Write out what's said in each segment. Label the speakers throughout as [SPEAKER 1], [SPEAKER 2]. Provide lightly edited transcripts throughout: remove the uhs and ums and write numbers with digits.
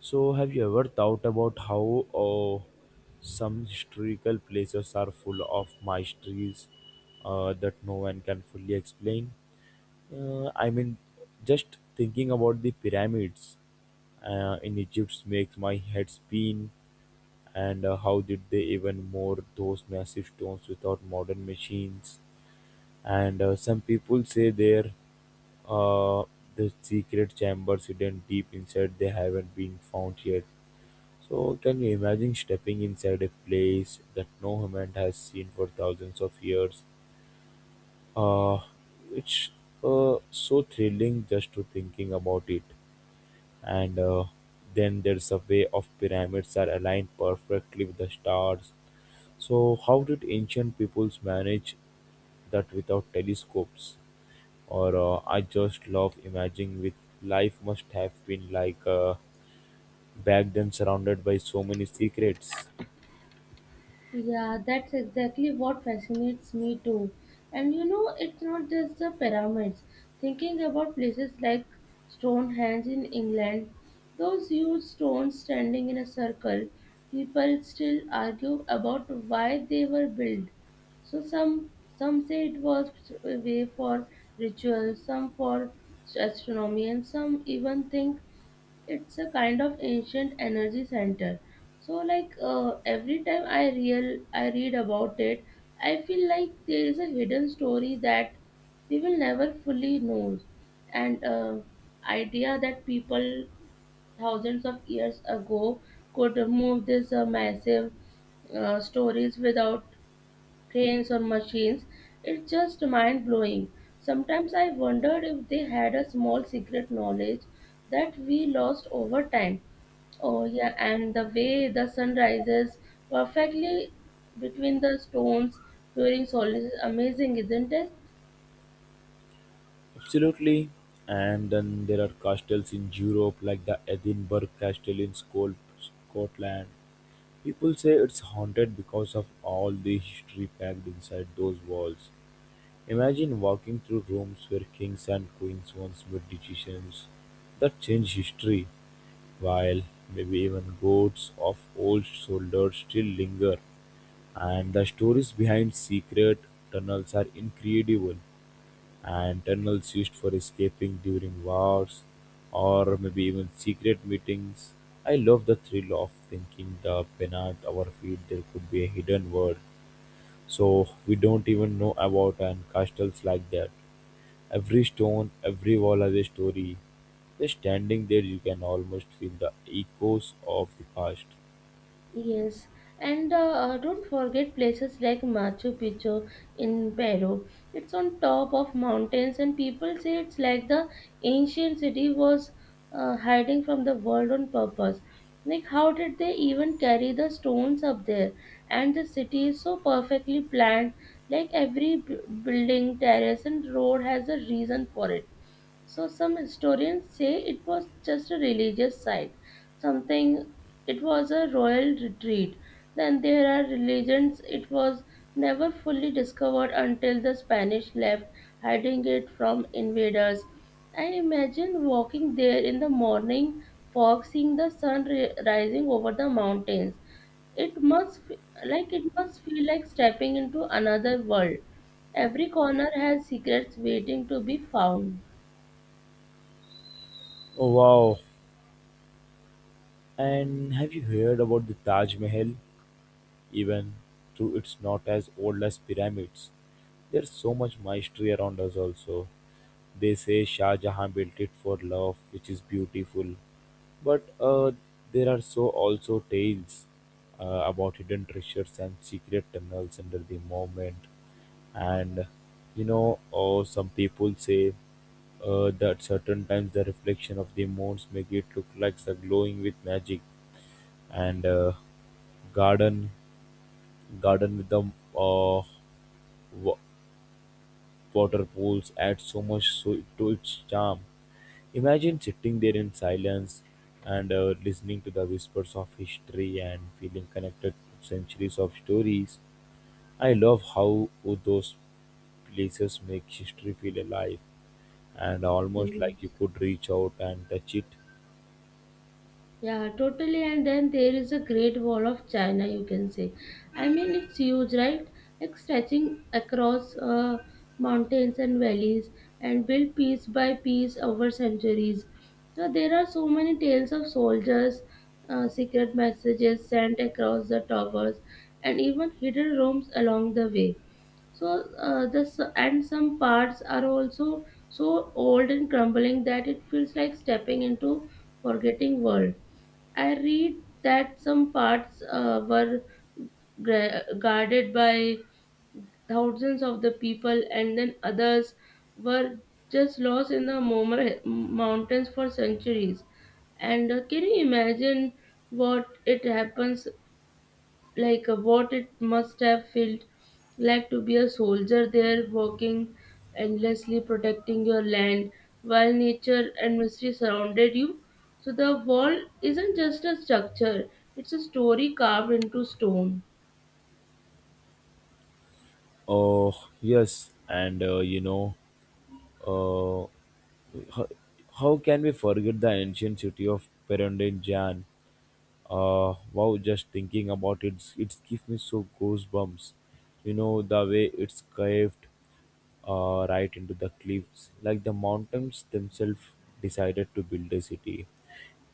[SPEAKER 1] So, have you ever thought about how some historical places are full of mysteries that no one can fully explain? I mean, just thinking about the pyramids in Egypt makes my head spin. And How did they even more those massive stones without modern machines? And Some people say there uh, the secret chambers hidden deep inside they haven't been found yet. So can you imagine stepping inside a place that no human has seen for thousands of years? Uh, it's So thrilling just to thinking about it. And Then there's a way of pyramids are aligned perfectly with the stars. So how did ancient peoples manage that without telescopes? Or I just love imagining with life must have been like back then surrounded by so many secrets.
[SPEAKER 2] Yeah, that's exactly what fascinates me too. And it's not just the pyramids. Thinking about places like Stonehenge in England, those huge stones standing in a circle, people still argue about why they were built. So some say it was a way for rituals, some for astronomy, and some even think it's a kind of ancient energy center. So like every time I read about it, I feel like there is a hidden story that we will never fully know. And idea that people thousands of years ago could move these massive stories without trains or machines. It's just mind blowing. Sometimes I wondered if they had a small secret knowledge that we lost over time. Oh yeah, and the way the sun rises perfectly between the stones during solstice is amazing, isn't it?
[SPEAKER 1] Absolutely. And then there are castles in Europe, like the Edinburgh Castle in Scotland. People say it's haunted because of all the history packed inside those walls. Imagine walking through rooms where kings and queens once made decisions that change history, while maybe even ghosts of old soldiers still linger. And the stories behind secret tunnels are incredible and tunnels used for escaping during wars or maybe even secret meetings. I love the thrill of thinking the beneath our feet there could be a hidden world. So we don't even know about and castles like that. Every stone, every wall has a story. Just standing there you can almost feel the echoes of the past.
[SPEAKER 2] Yes, and don't forget places like Machu Picchu in Peru. It's on top of mountains, and people say it's like the ancient city was hiding from the world on purpose. Like, how did they even carry the stones up there? And the city is so perfectly planned, like every building, terrace, and road has a reason for it. So some historians say it was just a religious site, something it was a royal retreat. Then there are religions it was never fully discovered until the Spanish left, hiding it from invaders. I imagine walking there in the morning fog, seeing the sun rising over the mountains. It must f- like it must feel like stepping into another world. Every corner has secrets waiting to be found.
[SPEAKER 1] Oh wow. And have you heard about the Taj Mahal? Even though it's not as old as pyramids. There's so much mystery around us also. They say Shah Jahan built it for love, which is beautiful. But there are so also tales about hidden treasures and secret tunnels under the moment. And some people say that certain times the reflection of the moons make it look like it's glowing with magic and garden garden with the uh, water pools add so much so to its charm. Imagine sitting there in silence and listening to the whispers of history and feeling connected to centuries of stories. I love how those places make history feel alive and almost like you
[SPEAKER 2] Yes.
[SPEAKER 1] could reach out and touch it.
[SPEAKER 2] Yeah, totally. And then there is a Great Wall of China, you can say. I mean, it's huge, right? Like stretching across mountains and valleys and built piece by piece over centuries. So there are so many tales of soldiers, secret messages sent across the towers, and even hidden rooms along the way. So this and some parts are also so old and crumbling that it feels like stepping into forgetting world. I read that some parts were guarded by thousands of the people, and then others were just lost in the mountains for centuries. And can you imagine what it happens what it must have felt like to be a soldier there working endlessly protecting your land while nature and mystery surrounded you. So the wall isn't just a structure, it's a story carved into stone.
[SPEAKER 1] Oh, yes, and uh, you know, uh, how, how can we forget the ancient city of Perendenjan? Wow, just thinking about it it gives me so goosebumps. You know the way it's caved right into the cliffs like the mountains themselves decided to build a city.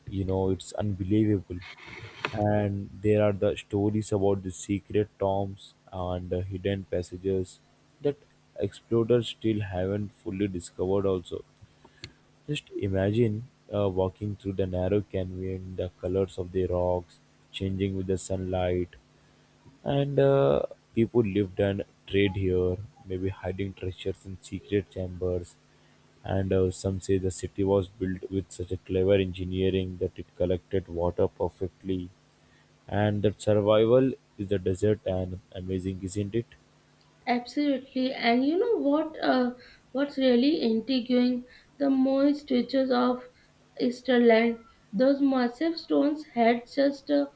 [SPEAKER 1] You know it's unbelievable. And there are the stories about the secret tombs and the hidden passages that explorers still haven't fully discovered also. Just imagine walking through the narrow canyon, the colors of the rocks changing with the sunlight, and people lived and trade here, maybe hiding treasures in secret chambers. And Some say the city was built with such a clever engineering that it collected water perfectly. And that survival is the desert and amazing, isn't it?
[SPEAKER 2] Absolutely, and you know what? What's really intriguing? The Moist features of Easterland. Those massive stones had just uh,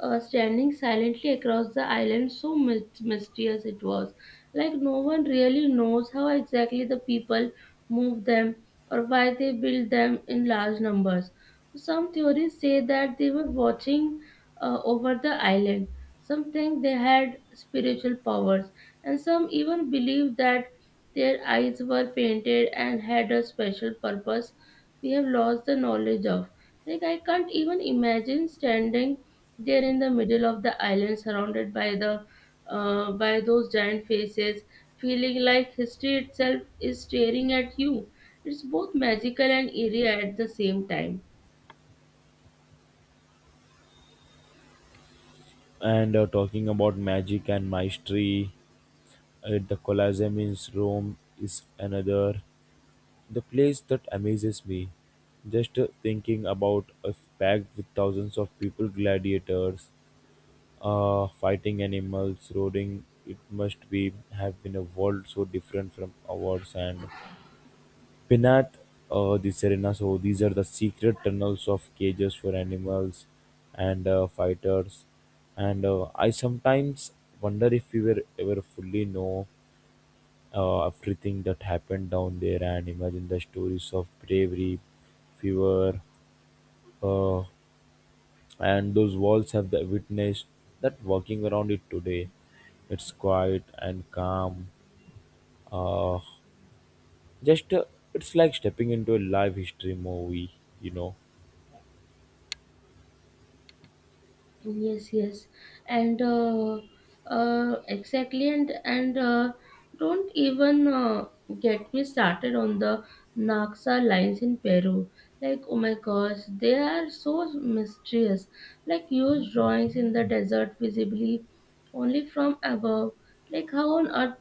[SPEAKER 2] uh, standing silently across the island. So mysterious it was. Like no one really knows how exactly the people moved them or why they built them in large numbers. Some theories say that they were watching over the island. Some think they had spiritual powers and some even believe that their eyes were painted and had a special purpose we have lost the knowledge of. Like, I can't even imagine standing there in the middle of the island surrounded by the by those giant faces, feeling like history itself is staring at you. It's both magical and eerie at the same time.
[SPEAKER 1] And Talking about magic and mastery, the Colosseum in Rome is another. The place that amazes me, just thinking about a packed with thousands of people, gladiators, fighting animals, roaring. It must be have been a world so different from ours. And Pinat, the Serena. So these are the secret tunnels of cages for animals and fighters. And I sometimes wonder if we were ever fully know everything that happened down there and imagine the stories of bravery, fever, uh, and those walls have the witnessed that walking around it today. It's quiet and calm. Uh, just It's like stepping into a live history movie, you know.
[SPEAKER 2] Yes, yes, and exactly, and don't even get me started on the Naxa lines in Peru. Like, oh my gosh, they are so mysterious. Like huge drawings in the desert, visibly only from above. Like, how on earth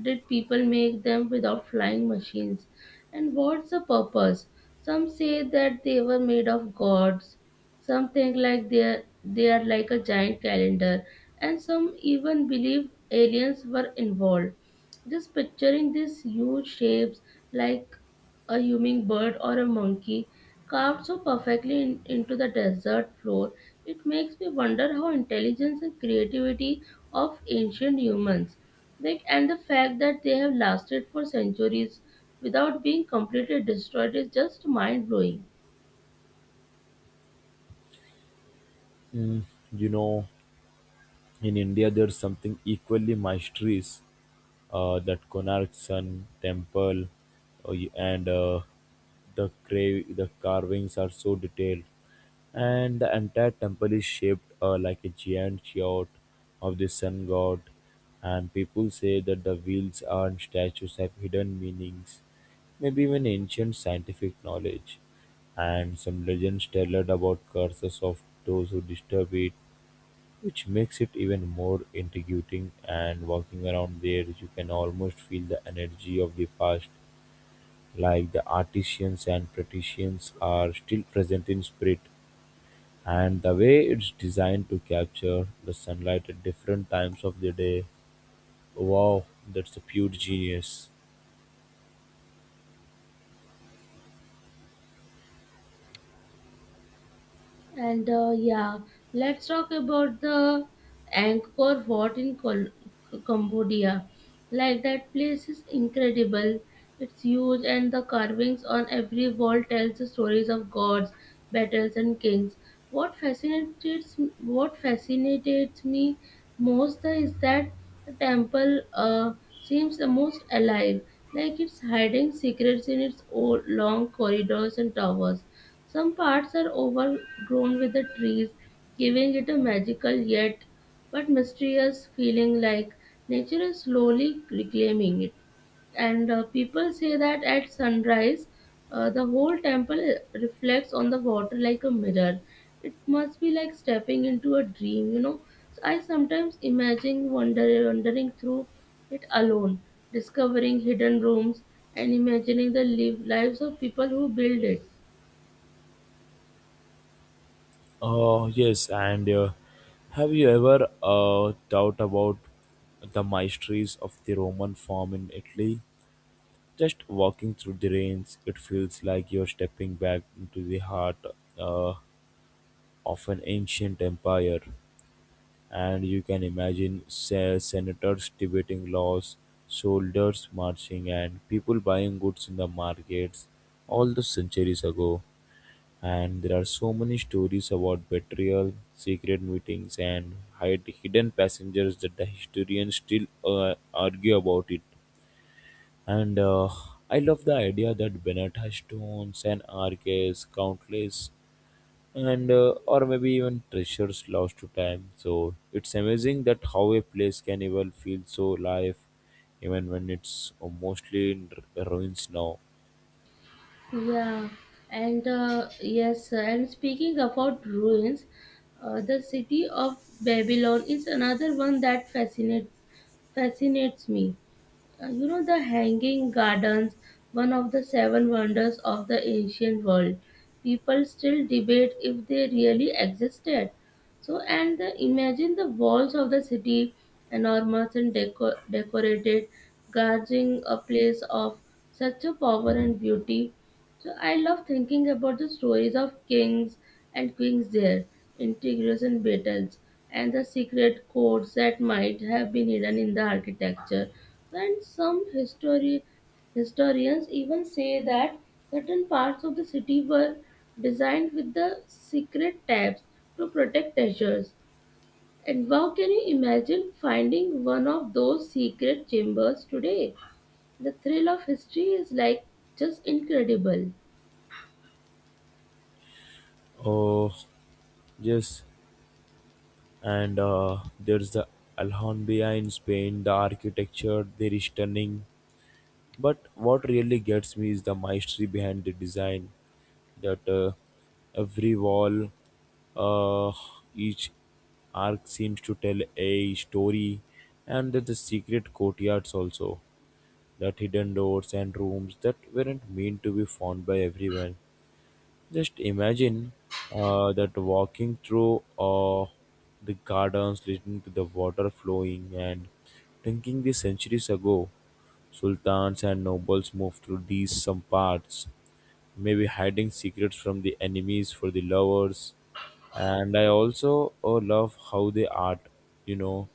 [SPEAKER 2] did people make them without flying machines? And what's the purpose? Some say that they were made of gods. Something like they are like a giant calendar, and some even believe aliens were involved. Just picturing these huge shapes like a hummingbird or a monkey carved so perfectly into the desert floor. It makes me wonder how intelligence and creativity of ancient humans, like, and the fact that they have lasted for centuries without being completely destroyed is just mind blowing.
[SPEAKER 1] Mm, you know, in India, there's something equally mysterious that Konark Sun Temple and the the carvings are so detailed and the entire temple is shaped like a giant yacht of the sun god and people say that the wheels and statues have hidden meanings maybe even ancient scientific knowledge and some legends tell it about curses of those who disturb it which makes it even more intriguing and walking around there you can almost feel the energy of the past, like the artisans and patricians are still present in spirit. And the way it's designed to capture the sunlight at different times of the day. Wow, that's a pure genius.
[SPEAKER 2] And yeah, let's talk about the Angkor Wat in Cambodia. Like that place is incredible. It's huge, and the carvings on every wall tells the stories of gods, battles, and kings. What fascinates me most is that the temple seems the most alive. Like it's hiding secrets in its old long corridors and towers. Some parts are overgrown with the trees, giving it a magical yet but mysterious feeling, like nature is slowly reclaiming it. And people say that at sunrise, the whole temple reflects on the water like a mirror. It must be like stepping into a dream. So I sometimes imagine wandering through it alone, discovering hidden rooms and imagining the lives of people who build it.
[SPEAKER 1] Oh yes, and have you ever thought about the mysteries of the Roman form in Italy? Just walking through the rains, it feels like you're stepping back into the heart uh, of an ancient empire. And you can imagine senators debating laws, soldiers marching, and people buying goods in the markets all the centuries ago. And there are so many stories about betrayal, secret meetings, and hidden passengers that the historians still argue about it. And I love the idea that Bennett stones and arches, countless, and or maybe even treasures lost to time. So it's amazing that how a place can even feel so alive, even when it's mostly in ruins now.
[SPEAKER 2] Yeah, and yes, and speaking about ruins, the city of Babylon is another one that fascinates me. The Hanging Gardens, one of the seven wonders of the ancient world. People still debate if they really existed. So, imagine the walls of the city, enormous and decorated, guarding a place of such a power and beauty. So I love thinking about the stories of kings and queens there, intrigues and battles, and the secret codes that might have been hidden in the architecture. And some historians even say that certain parts of the city were designed with the secret tabs to protect treasures. And wow, can you imagine finding one of those secret chambers today? The thrill of history is like just incredible.
[SPEAKER 1] Oh yes, and there's the Alhambra in Spain. The architecture there is stunning. But what really gets me is the mastery behind the design that every wall, uh, each arc seems to tell a story, and that the secret courtyards also, that hidden doors and rooms that weren't meant to be found by everyone. Just imagine that walking through the gardens, listening to the water flowing, and thinking the centuries ago, sultans and nobles moved through these some parts, maybe hiding secrets from the enemies for the lovers. And I also love how they art, you know,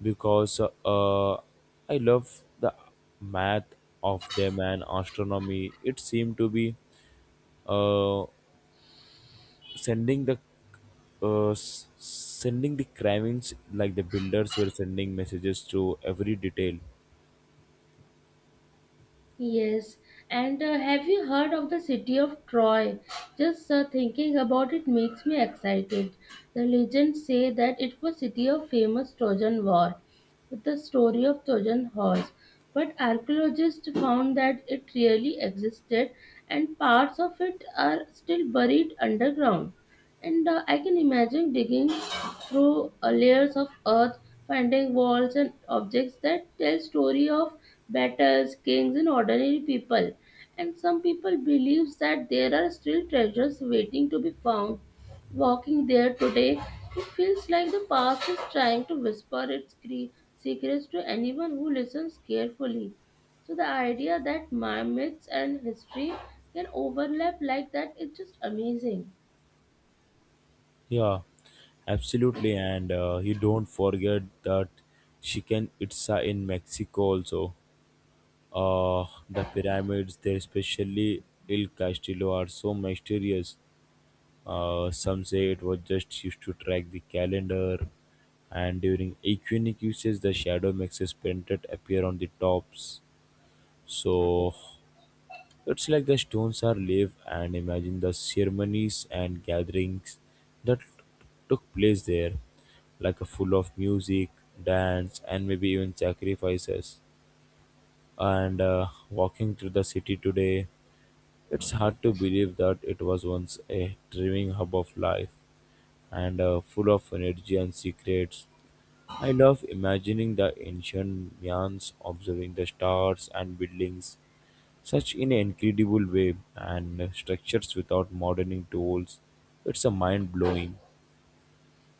[SPEAKER 1] because I love the math of them and astronomy. It seemed to be. Uh, Sending the sending the cravings like the builders were sending messages to every detail.
[SPEAKER 2] Yes, and have you heard of the city of Troy? Just thinking about it makes me excited. The legends say that it was city of famous Trojan War, with the story of Trojan horse. But archaeologists found that it really existed, and parts of it are still buried underground. And I can imagine digging through layers of earth, finding walls and objects that tell story of battles, kings, and ordinary people. And some people believe that there are still treasures waiting to be found. Walking there today, it feels like the past is trying to whisper its secrets to anyone who listens carefully. So the idea that my myths and history can overlap like that is just amazing.
[SPEAKER 1] Yeah, absolutely, and you don't forget that chicken itza in mexico also. The pyramids there especially El castillo are so mysterious. Some say it was just used to track the calendar and during equinoxes the shadow makes a painted appear on the tops. So it's like the stones are live and imagine the ceremonies and gatherings that took place there, like a full of music, dance, and maybe even sacrifices. And Walking through the city today, it's hard to believe that it was once a thriving hub of life and full of energy and secrets. I love imagining the ancient Mayans observing the stars and buildings such in an incredible way and structures without modeling tools. It's a mind blowing.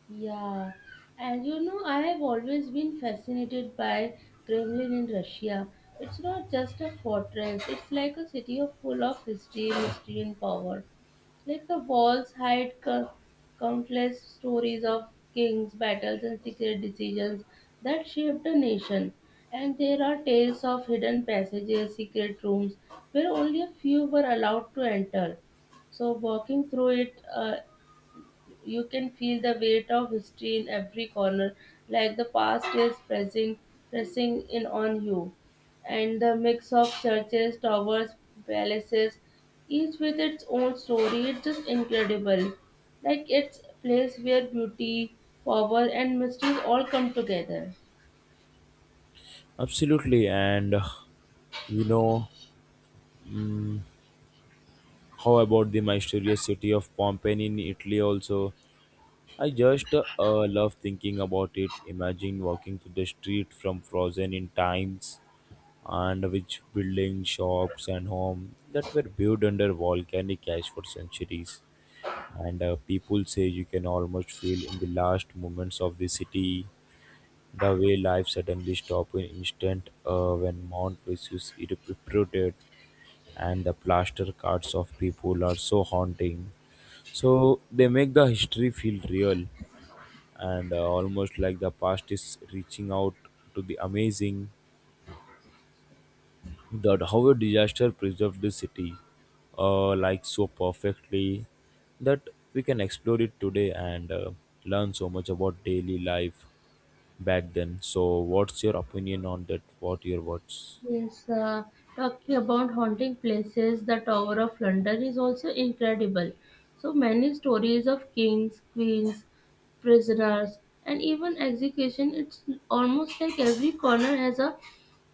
[SPEAKER 2] Yeah, and I have always been fascinated by Kremlin in Russia. It's not just a fortress, it's like a city of full of history, mystery, and power. Like the walls hide countless stories of kings, battles, and secret decisions that shaped a nation. And there are tales of hidden passages, secret rooms where only a few were allowed to enter. So, walking through it, you can feel the weight of history in every corner, like the past is pressing in on you. And the mix of churches, towers, palaces, each with its own story, it's just incredible. Like it's a place where beauty, power, and mystery all come together.
[SPEAKER 1] Absolutely, and you know how about the mysterious city of Pompeii in Italy? Also, I just love thinking about it. Imagine walking through the street from Frozen in times, and which buildings, shops, and homes that were built under volcanic ash for centuries. And People say you can almost feel in the last moments of the city. The way life suddenly stopped in instant when Mount Vesuvius erupted and the plaster cuts of people are so haunting. So they make the history feel real and almost like the past is reaching out to the amazing that how a disaster preserved the city like so perfectly that we can explore it today and learn so much about daily life back then. So, what's your opinion on that? What your words?
[SPEAKER 2] Yes, talking about haunting places, the Tower of London is also incredible. So many stories of kings, queens, prisoners, and even execution. It's almost like every corner has a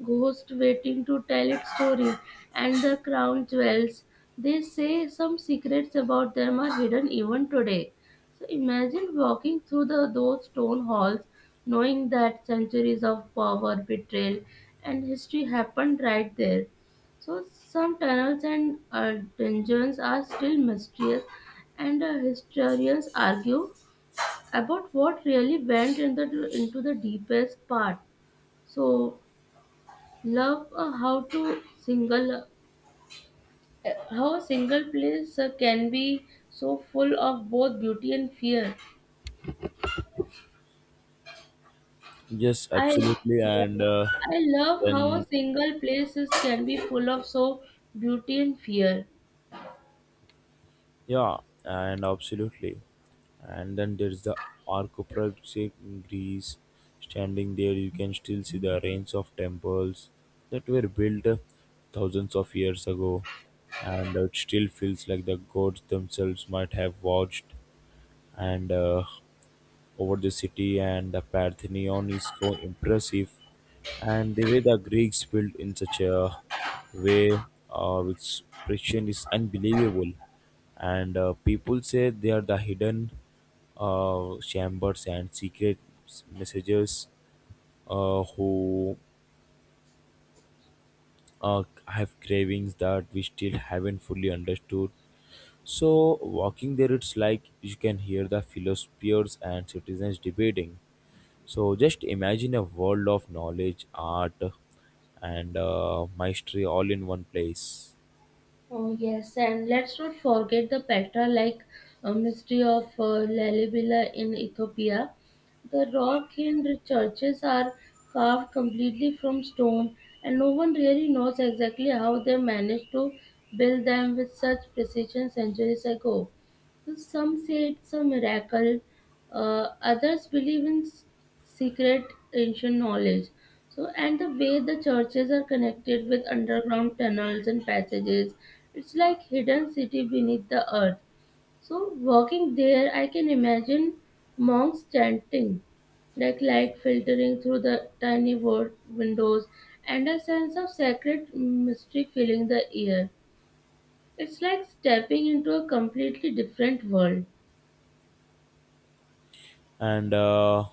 [SPEAKER 2] ghost waiting to tell its story. And the crown jewels, they say some secrets about them are hidden even today. So imagine walking through those stone halls, knowing that centuries of power, betrayal, and history happened right there. So some tunnels and dungeons are still mysterious, and historians argue about what really went in into the deepest part. So love how a single place can be so full of both beauty and fear.
[SPEAKER 1] Yes,
[SPEAKER 2] I
[SPEAKER 1] absolutely, and
[SPEAKER 2] I love how a
[SPEAKER 1] then
[SPEAKER 2] single place can be full of so beauty and fear.
[SPEAKER 1] yeah, and absolutely, and then there's the Arcopolis in Greece. Standing there, you can still see the range of temples that were built thousands of years ago, and it still feels like the gods themselves might have watched and over the city and the Parthenon is so impressive and the way the Greeks built in such a way which precision is unbelievable and people say they are the hidden chambers and secret messages who have cravings that we still haven't fully understood. So walking there it's like you can hear the philosophers and citizens debating. So just imagine a world of knowledge, art, and mastery all in one place.
[SPEAKER 2] Oh yes, and let's not forget the Petra like mystery of Lalibela in Ethiopia. The rock in churches are carved completely from stone, and no one really knows exactly how they managed to build them with such precision centuries ago. So some say it's a miracle, others believe in secret ancient knowledge. So, and the way the churches are connected with underground tunnels and passages, it's like hidden city beneath the earth. So, walking there, I can imagine monks chanting, like light filtering through the tiny windows, and a sense of sacred mystery filling the air. It's like stepping into a completely different world.
[SPEAKER 1] And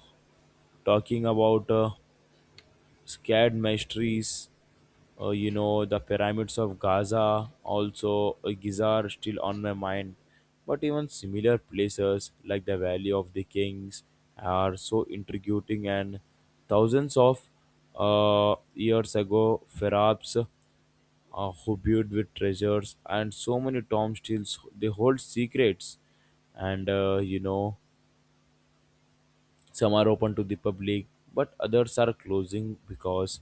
[SPEAKER 1] Talking about scared mysteries, you know, the pyramids of Gaza, also Giza are still on my mind. But even similar places like the Valley of the Kings are so intriguing and thousands of years ago, perhaps who viewed with treasures and so many tombs still they hold secrets and you know some are open to the public, but others are closing because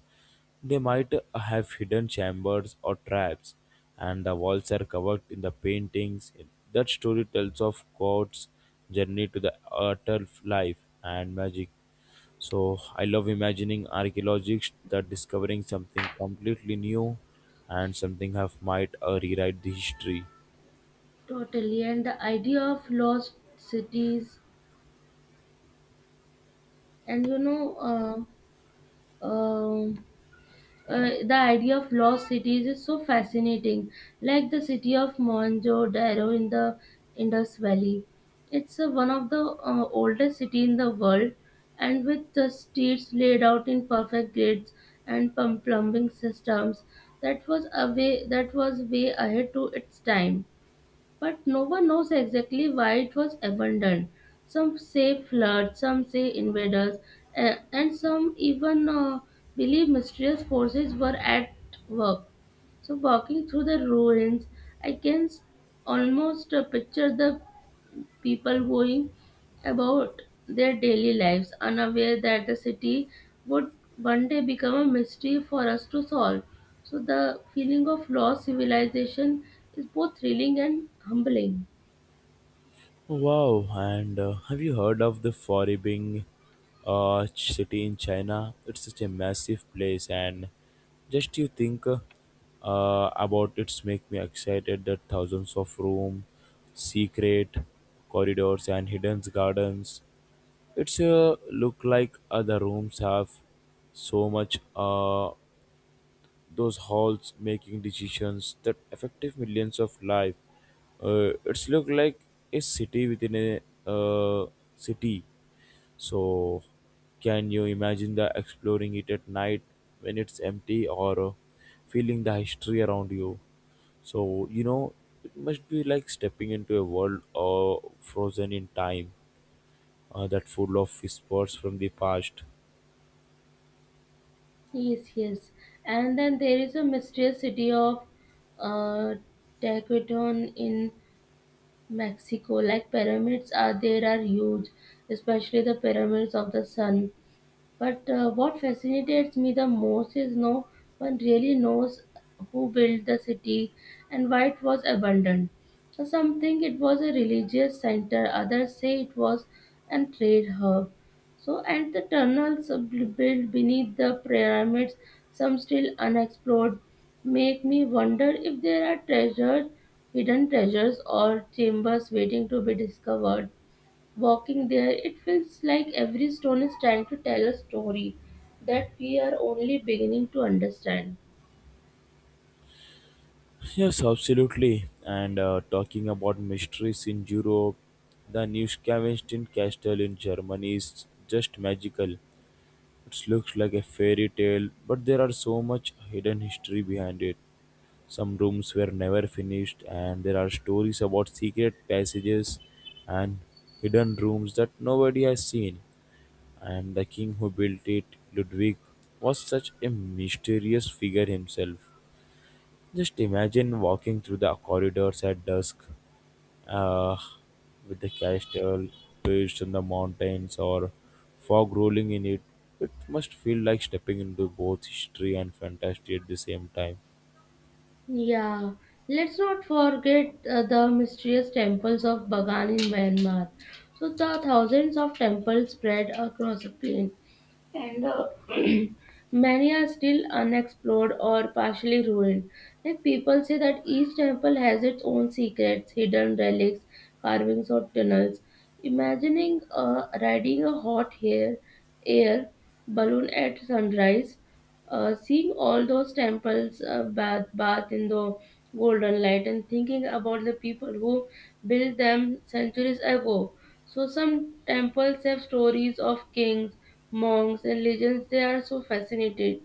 [SPEAKER 1] they might have hidden chambers or traps, and the walls are covered in the paintings. That story tells of God's journey to the utter life and magic. So I love imagining archaeologists that discovering something completely new and something have might rewrite the history.
[SPEAKER 2] Totally, and the idea of lost cities, and you know, uh, um, the idea of lost cities is so fascinating, like the city of Mohenjo-daro in the Indus Valley. It's one of the oldest city in the world, and with the streets laid out in perfect grids and plumbing systems, that was way ahead to its time. But no one knows exactly why it was abandoned. Some say flood, some say invaders, and some even believe mysterious forces were at work. So, walking through the ruins, I can almost picture the people going about their daily lives, unaware that the city would one day become a mystery for us to solve. So, the feeling of lost civilization is both thrilling and humbling.
[SPEAKER 1] Wow, and have you heard of the Foribing city in China? It's such a massive place, and just you think about it's make me excited that thousands of room, secret corridors, and hidden gardens. It's look like other rooms have so much. Those halls making decisions that affected millions of lives. It's look like a city within a city. So, can you imagine the exploring it at night when it's empty or feeling the history around you? So you know it must be like stepping into a world frozen in time, that full of whispers from the past.
[SPEAKER 2] Yes, yes. And then there is a mysterious city of uh, Tecuacan in Mexico. Like pyramids are there are huge, especially the pyramids of the sun. But what fascinates me the most is no one really knows who built the city and why it was abandoned. So some think it was a religious center, others say it was an trade hub. So, and the tunnels built beneath the pyramids, some still unexplored, make me wonder if there are treasures, hidden treasures, or chambers waiting to be discovered. Walking there, it feels like every stone is trying to tell a story that we are only beginning to understand.
[SPEAKER 1] Yes, absolutely. And Talking about mysteries in Europe, the Neuschwanstein castle in Germany is just magical. It looks like a fairy tale, but there are so much hidden history behind it. Some rooms were never finished, and there are stories about secret passages and hidden rooms that nobody has seen. And the king who built it, Ludwig, was such a mysterious figure himself. Just imagine walking through the corridors at dusk uh, with the castle perched in the mountains or fog rolling in it. It must feel like stepping into both history and fantasy at the same time.
[SPEAKER 2] Yeah, let's not forget the mysterious temples of Bagan in Myanmar. So, the thousands of temples spread across a plain, and many are still unexplored or partially ruined. Like people say that each temple has its own secrets, hidden relics, carvings, or tunnels. Imagining riding a hot air balloon at sunrise, seeing all those temples bath in the golden light and thinking about the people who built them centuries ago. So some temples have stories of kings, monks, and legends. They are so fascinated,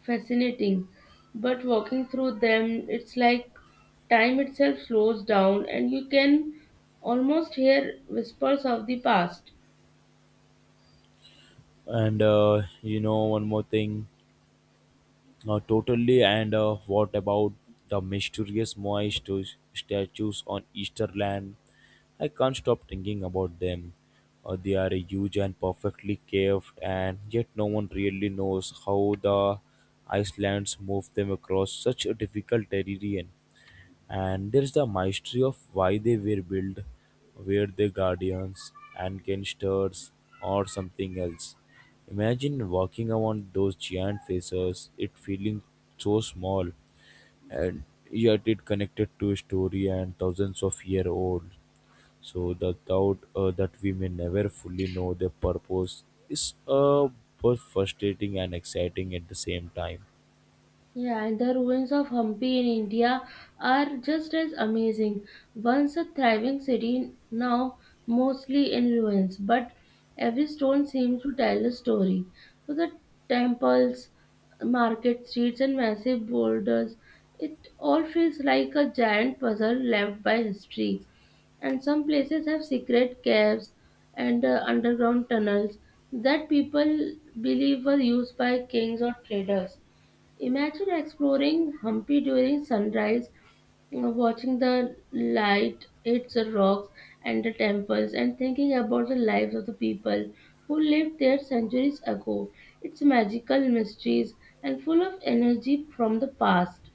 [SPEAKER 2] fascinating. But walking through them, it's like time itself slows down, and you can almost hear whispers of the past.
[SPEAKER 1] And You know, one more thing. Totally. And What about the mysterious Moai statues on Easterland? I can't stop thinking about them. They are huge and perfectly carved, and yet no one really knows how the Icelands moved them across such a difficult terrain. And there's the mystery of why they were built. Were they guardians and gangsters or something else? Imagine walking around those giant faces it feeling so small and yet it connected to a story and thousands of year old. So the thought that we may never fully know their purpose is both frustrating and exciting at the same time.
[SPEAKER 2] Yeah, and the ruins of Hampi in India are just as amazing. Once a thriving city, now mostly in ruins, but every stone seems to tell a story. So the temples, market streets, and massive boulders, it all feels like a giant puzzle left by history. And some places have secret caves and underground tunnels that people believe were used by kings or traders. Imagine exploring Hampi during sunrise, watching the light hits the rocks and the temples, and thinking about the lives of the people who lived there centuries ago. It's magical mysteries and full of energy from the past.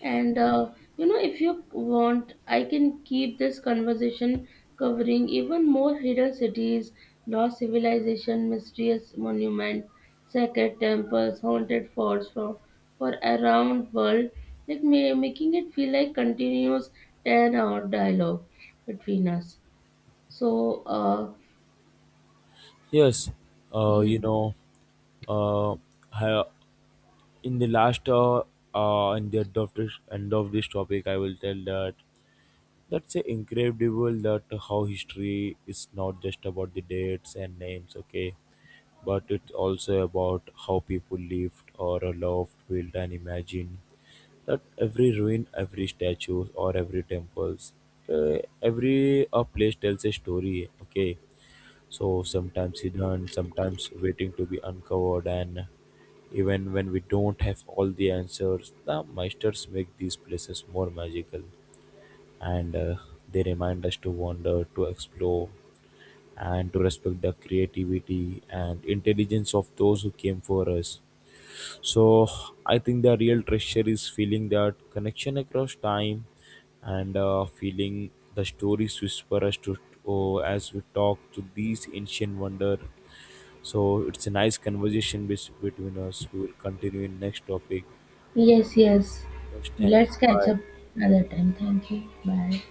[SPEAKER 2] And if you want, I can keep this conversation covering even more hidden cities, lost civilization, mysterious monument, sacred temples, haunted forts for around world, like making it feel like continuous 10-hour dialogue between us. So,
[SPEAKER 1] Yes. uh,
[SPEAKER 2] yeah.
[SPEAKER 1] you know uh, ha- in the last in the end of this topic I will tell that that's incredible that how history is not just about the dates and names, okay, but it's also about how people lived or loved built and imagined. That every ruin every statue or every temples every place tells a story, okay. So sometimes hidden, sometimes waiting to be uncovered, and even when we don't have all the answers, the masters make these places more magical and they remind us to wander, to explore, and to respect the creativity and intelligence of those who came for us. So I think the real treasure is feeling that connection across time and feeling the stories whisper us to oh, as we talk to these ancient wonder. So it's a nice conversation between us. We will continue in next topic.
[SPEAKER 2] Yes, yes.
[SPEAKER 1] Yes, thank you.
[SPEAKER 2] Let's catch
[SPEAKER 1] Bye.
[SPEAKER 2] up another time. Thank you. Bye.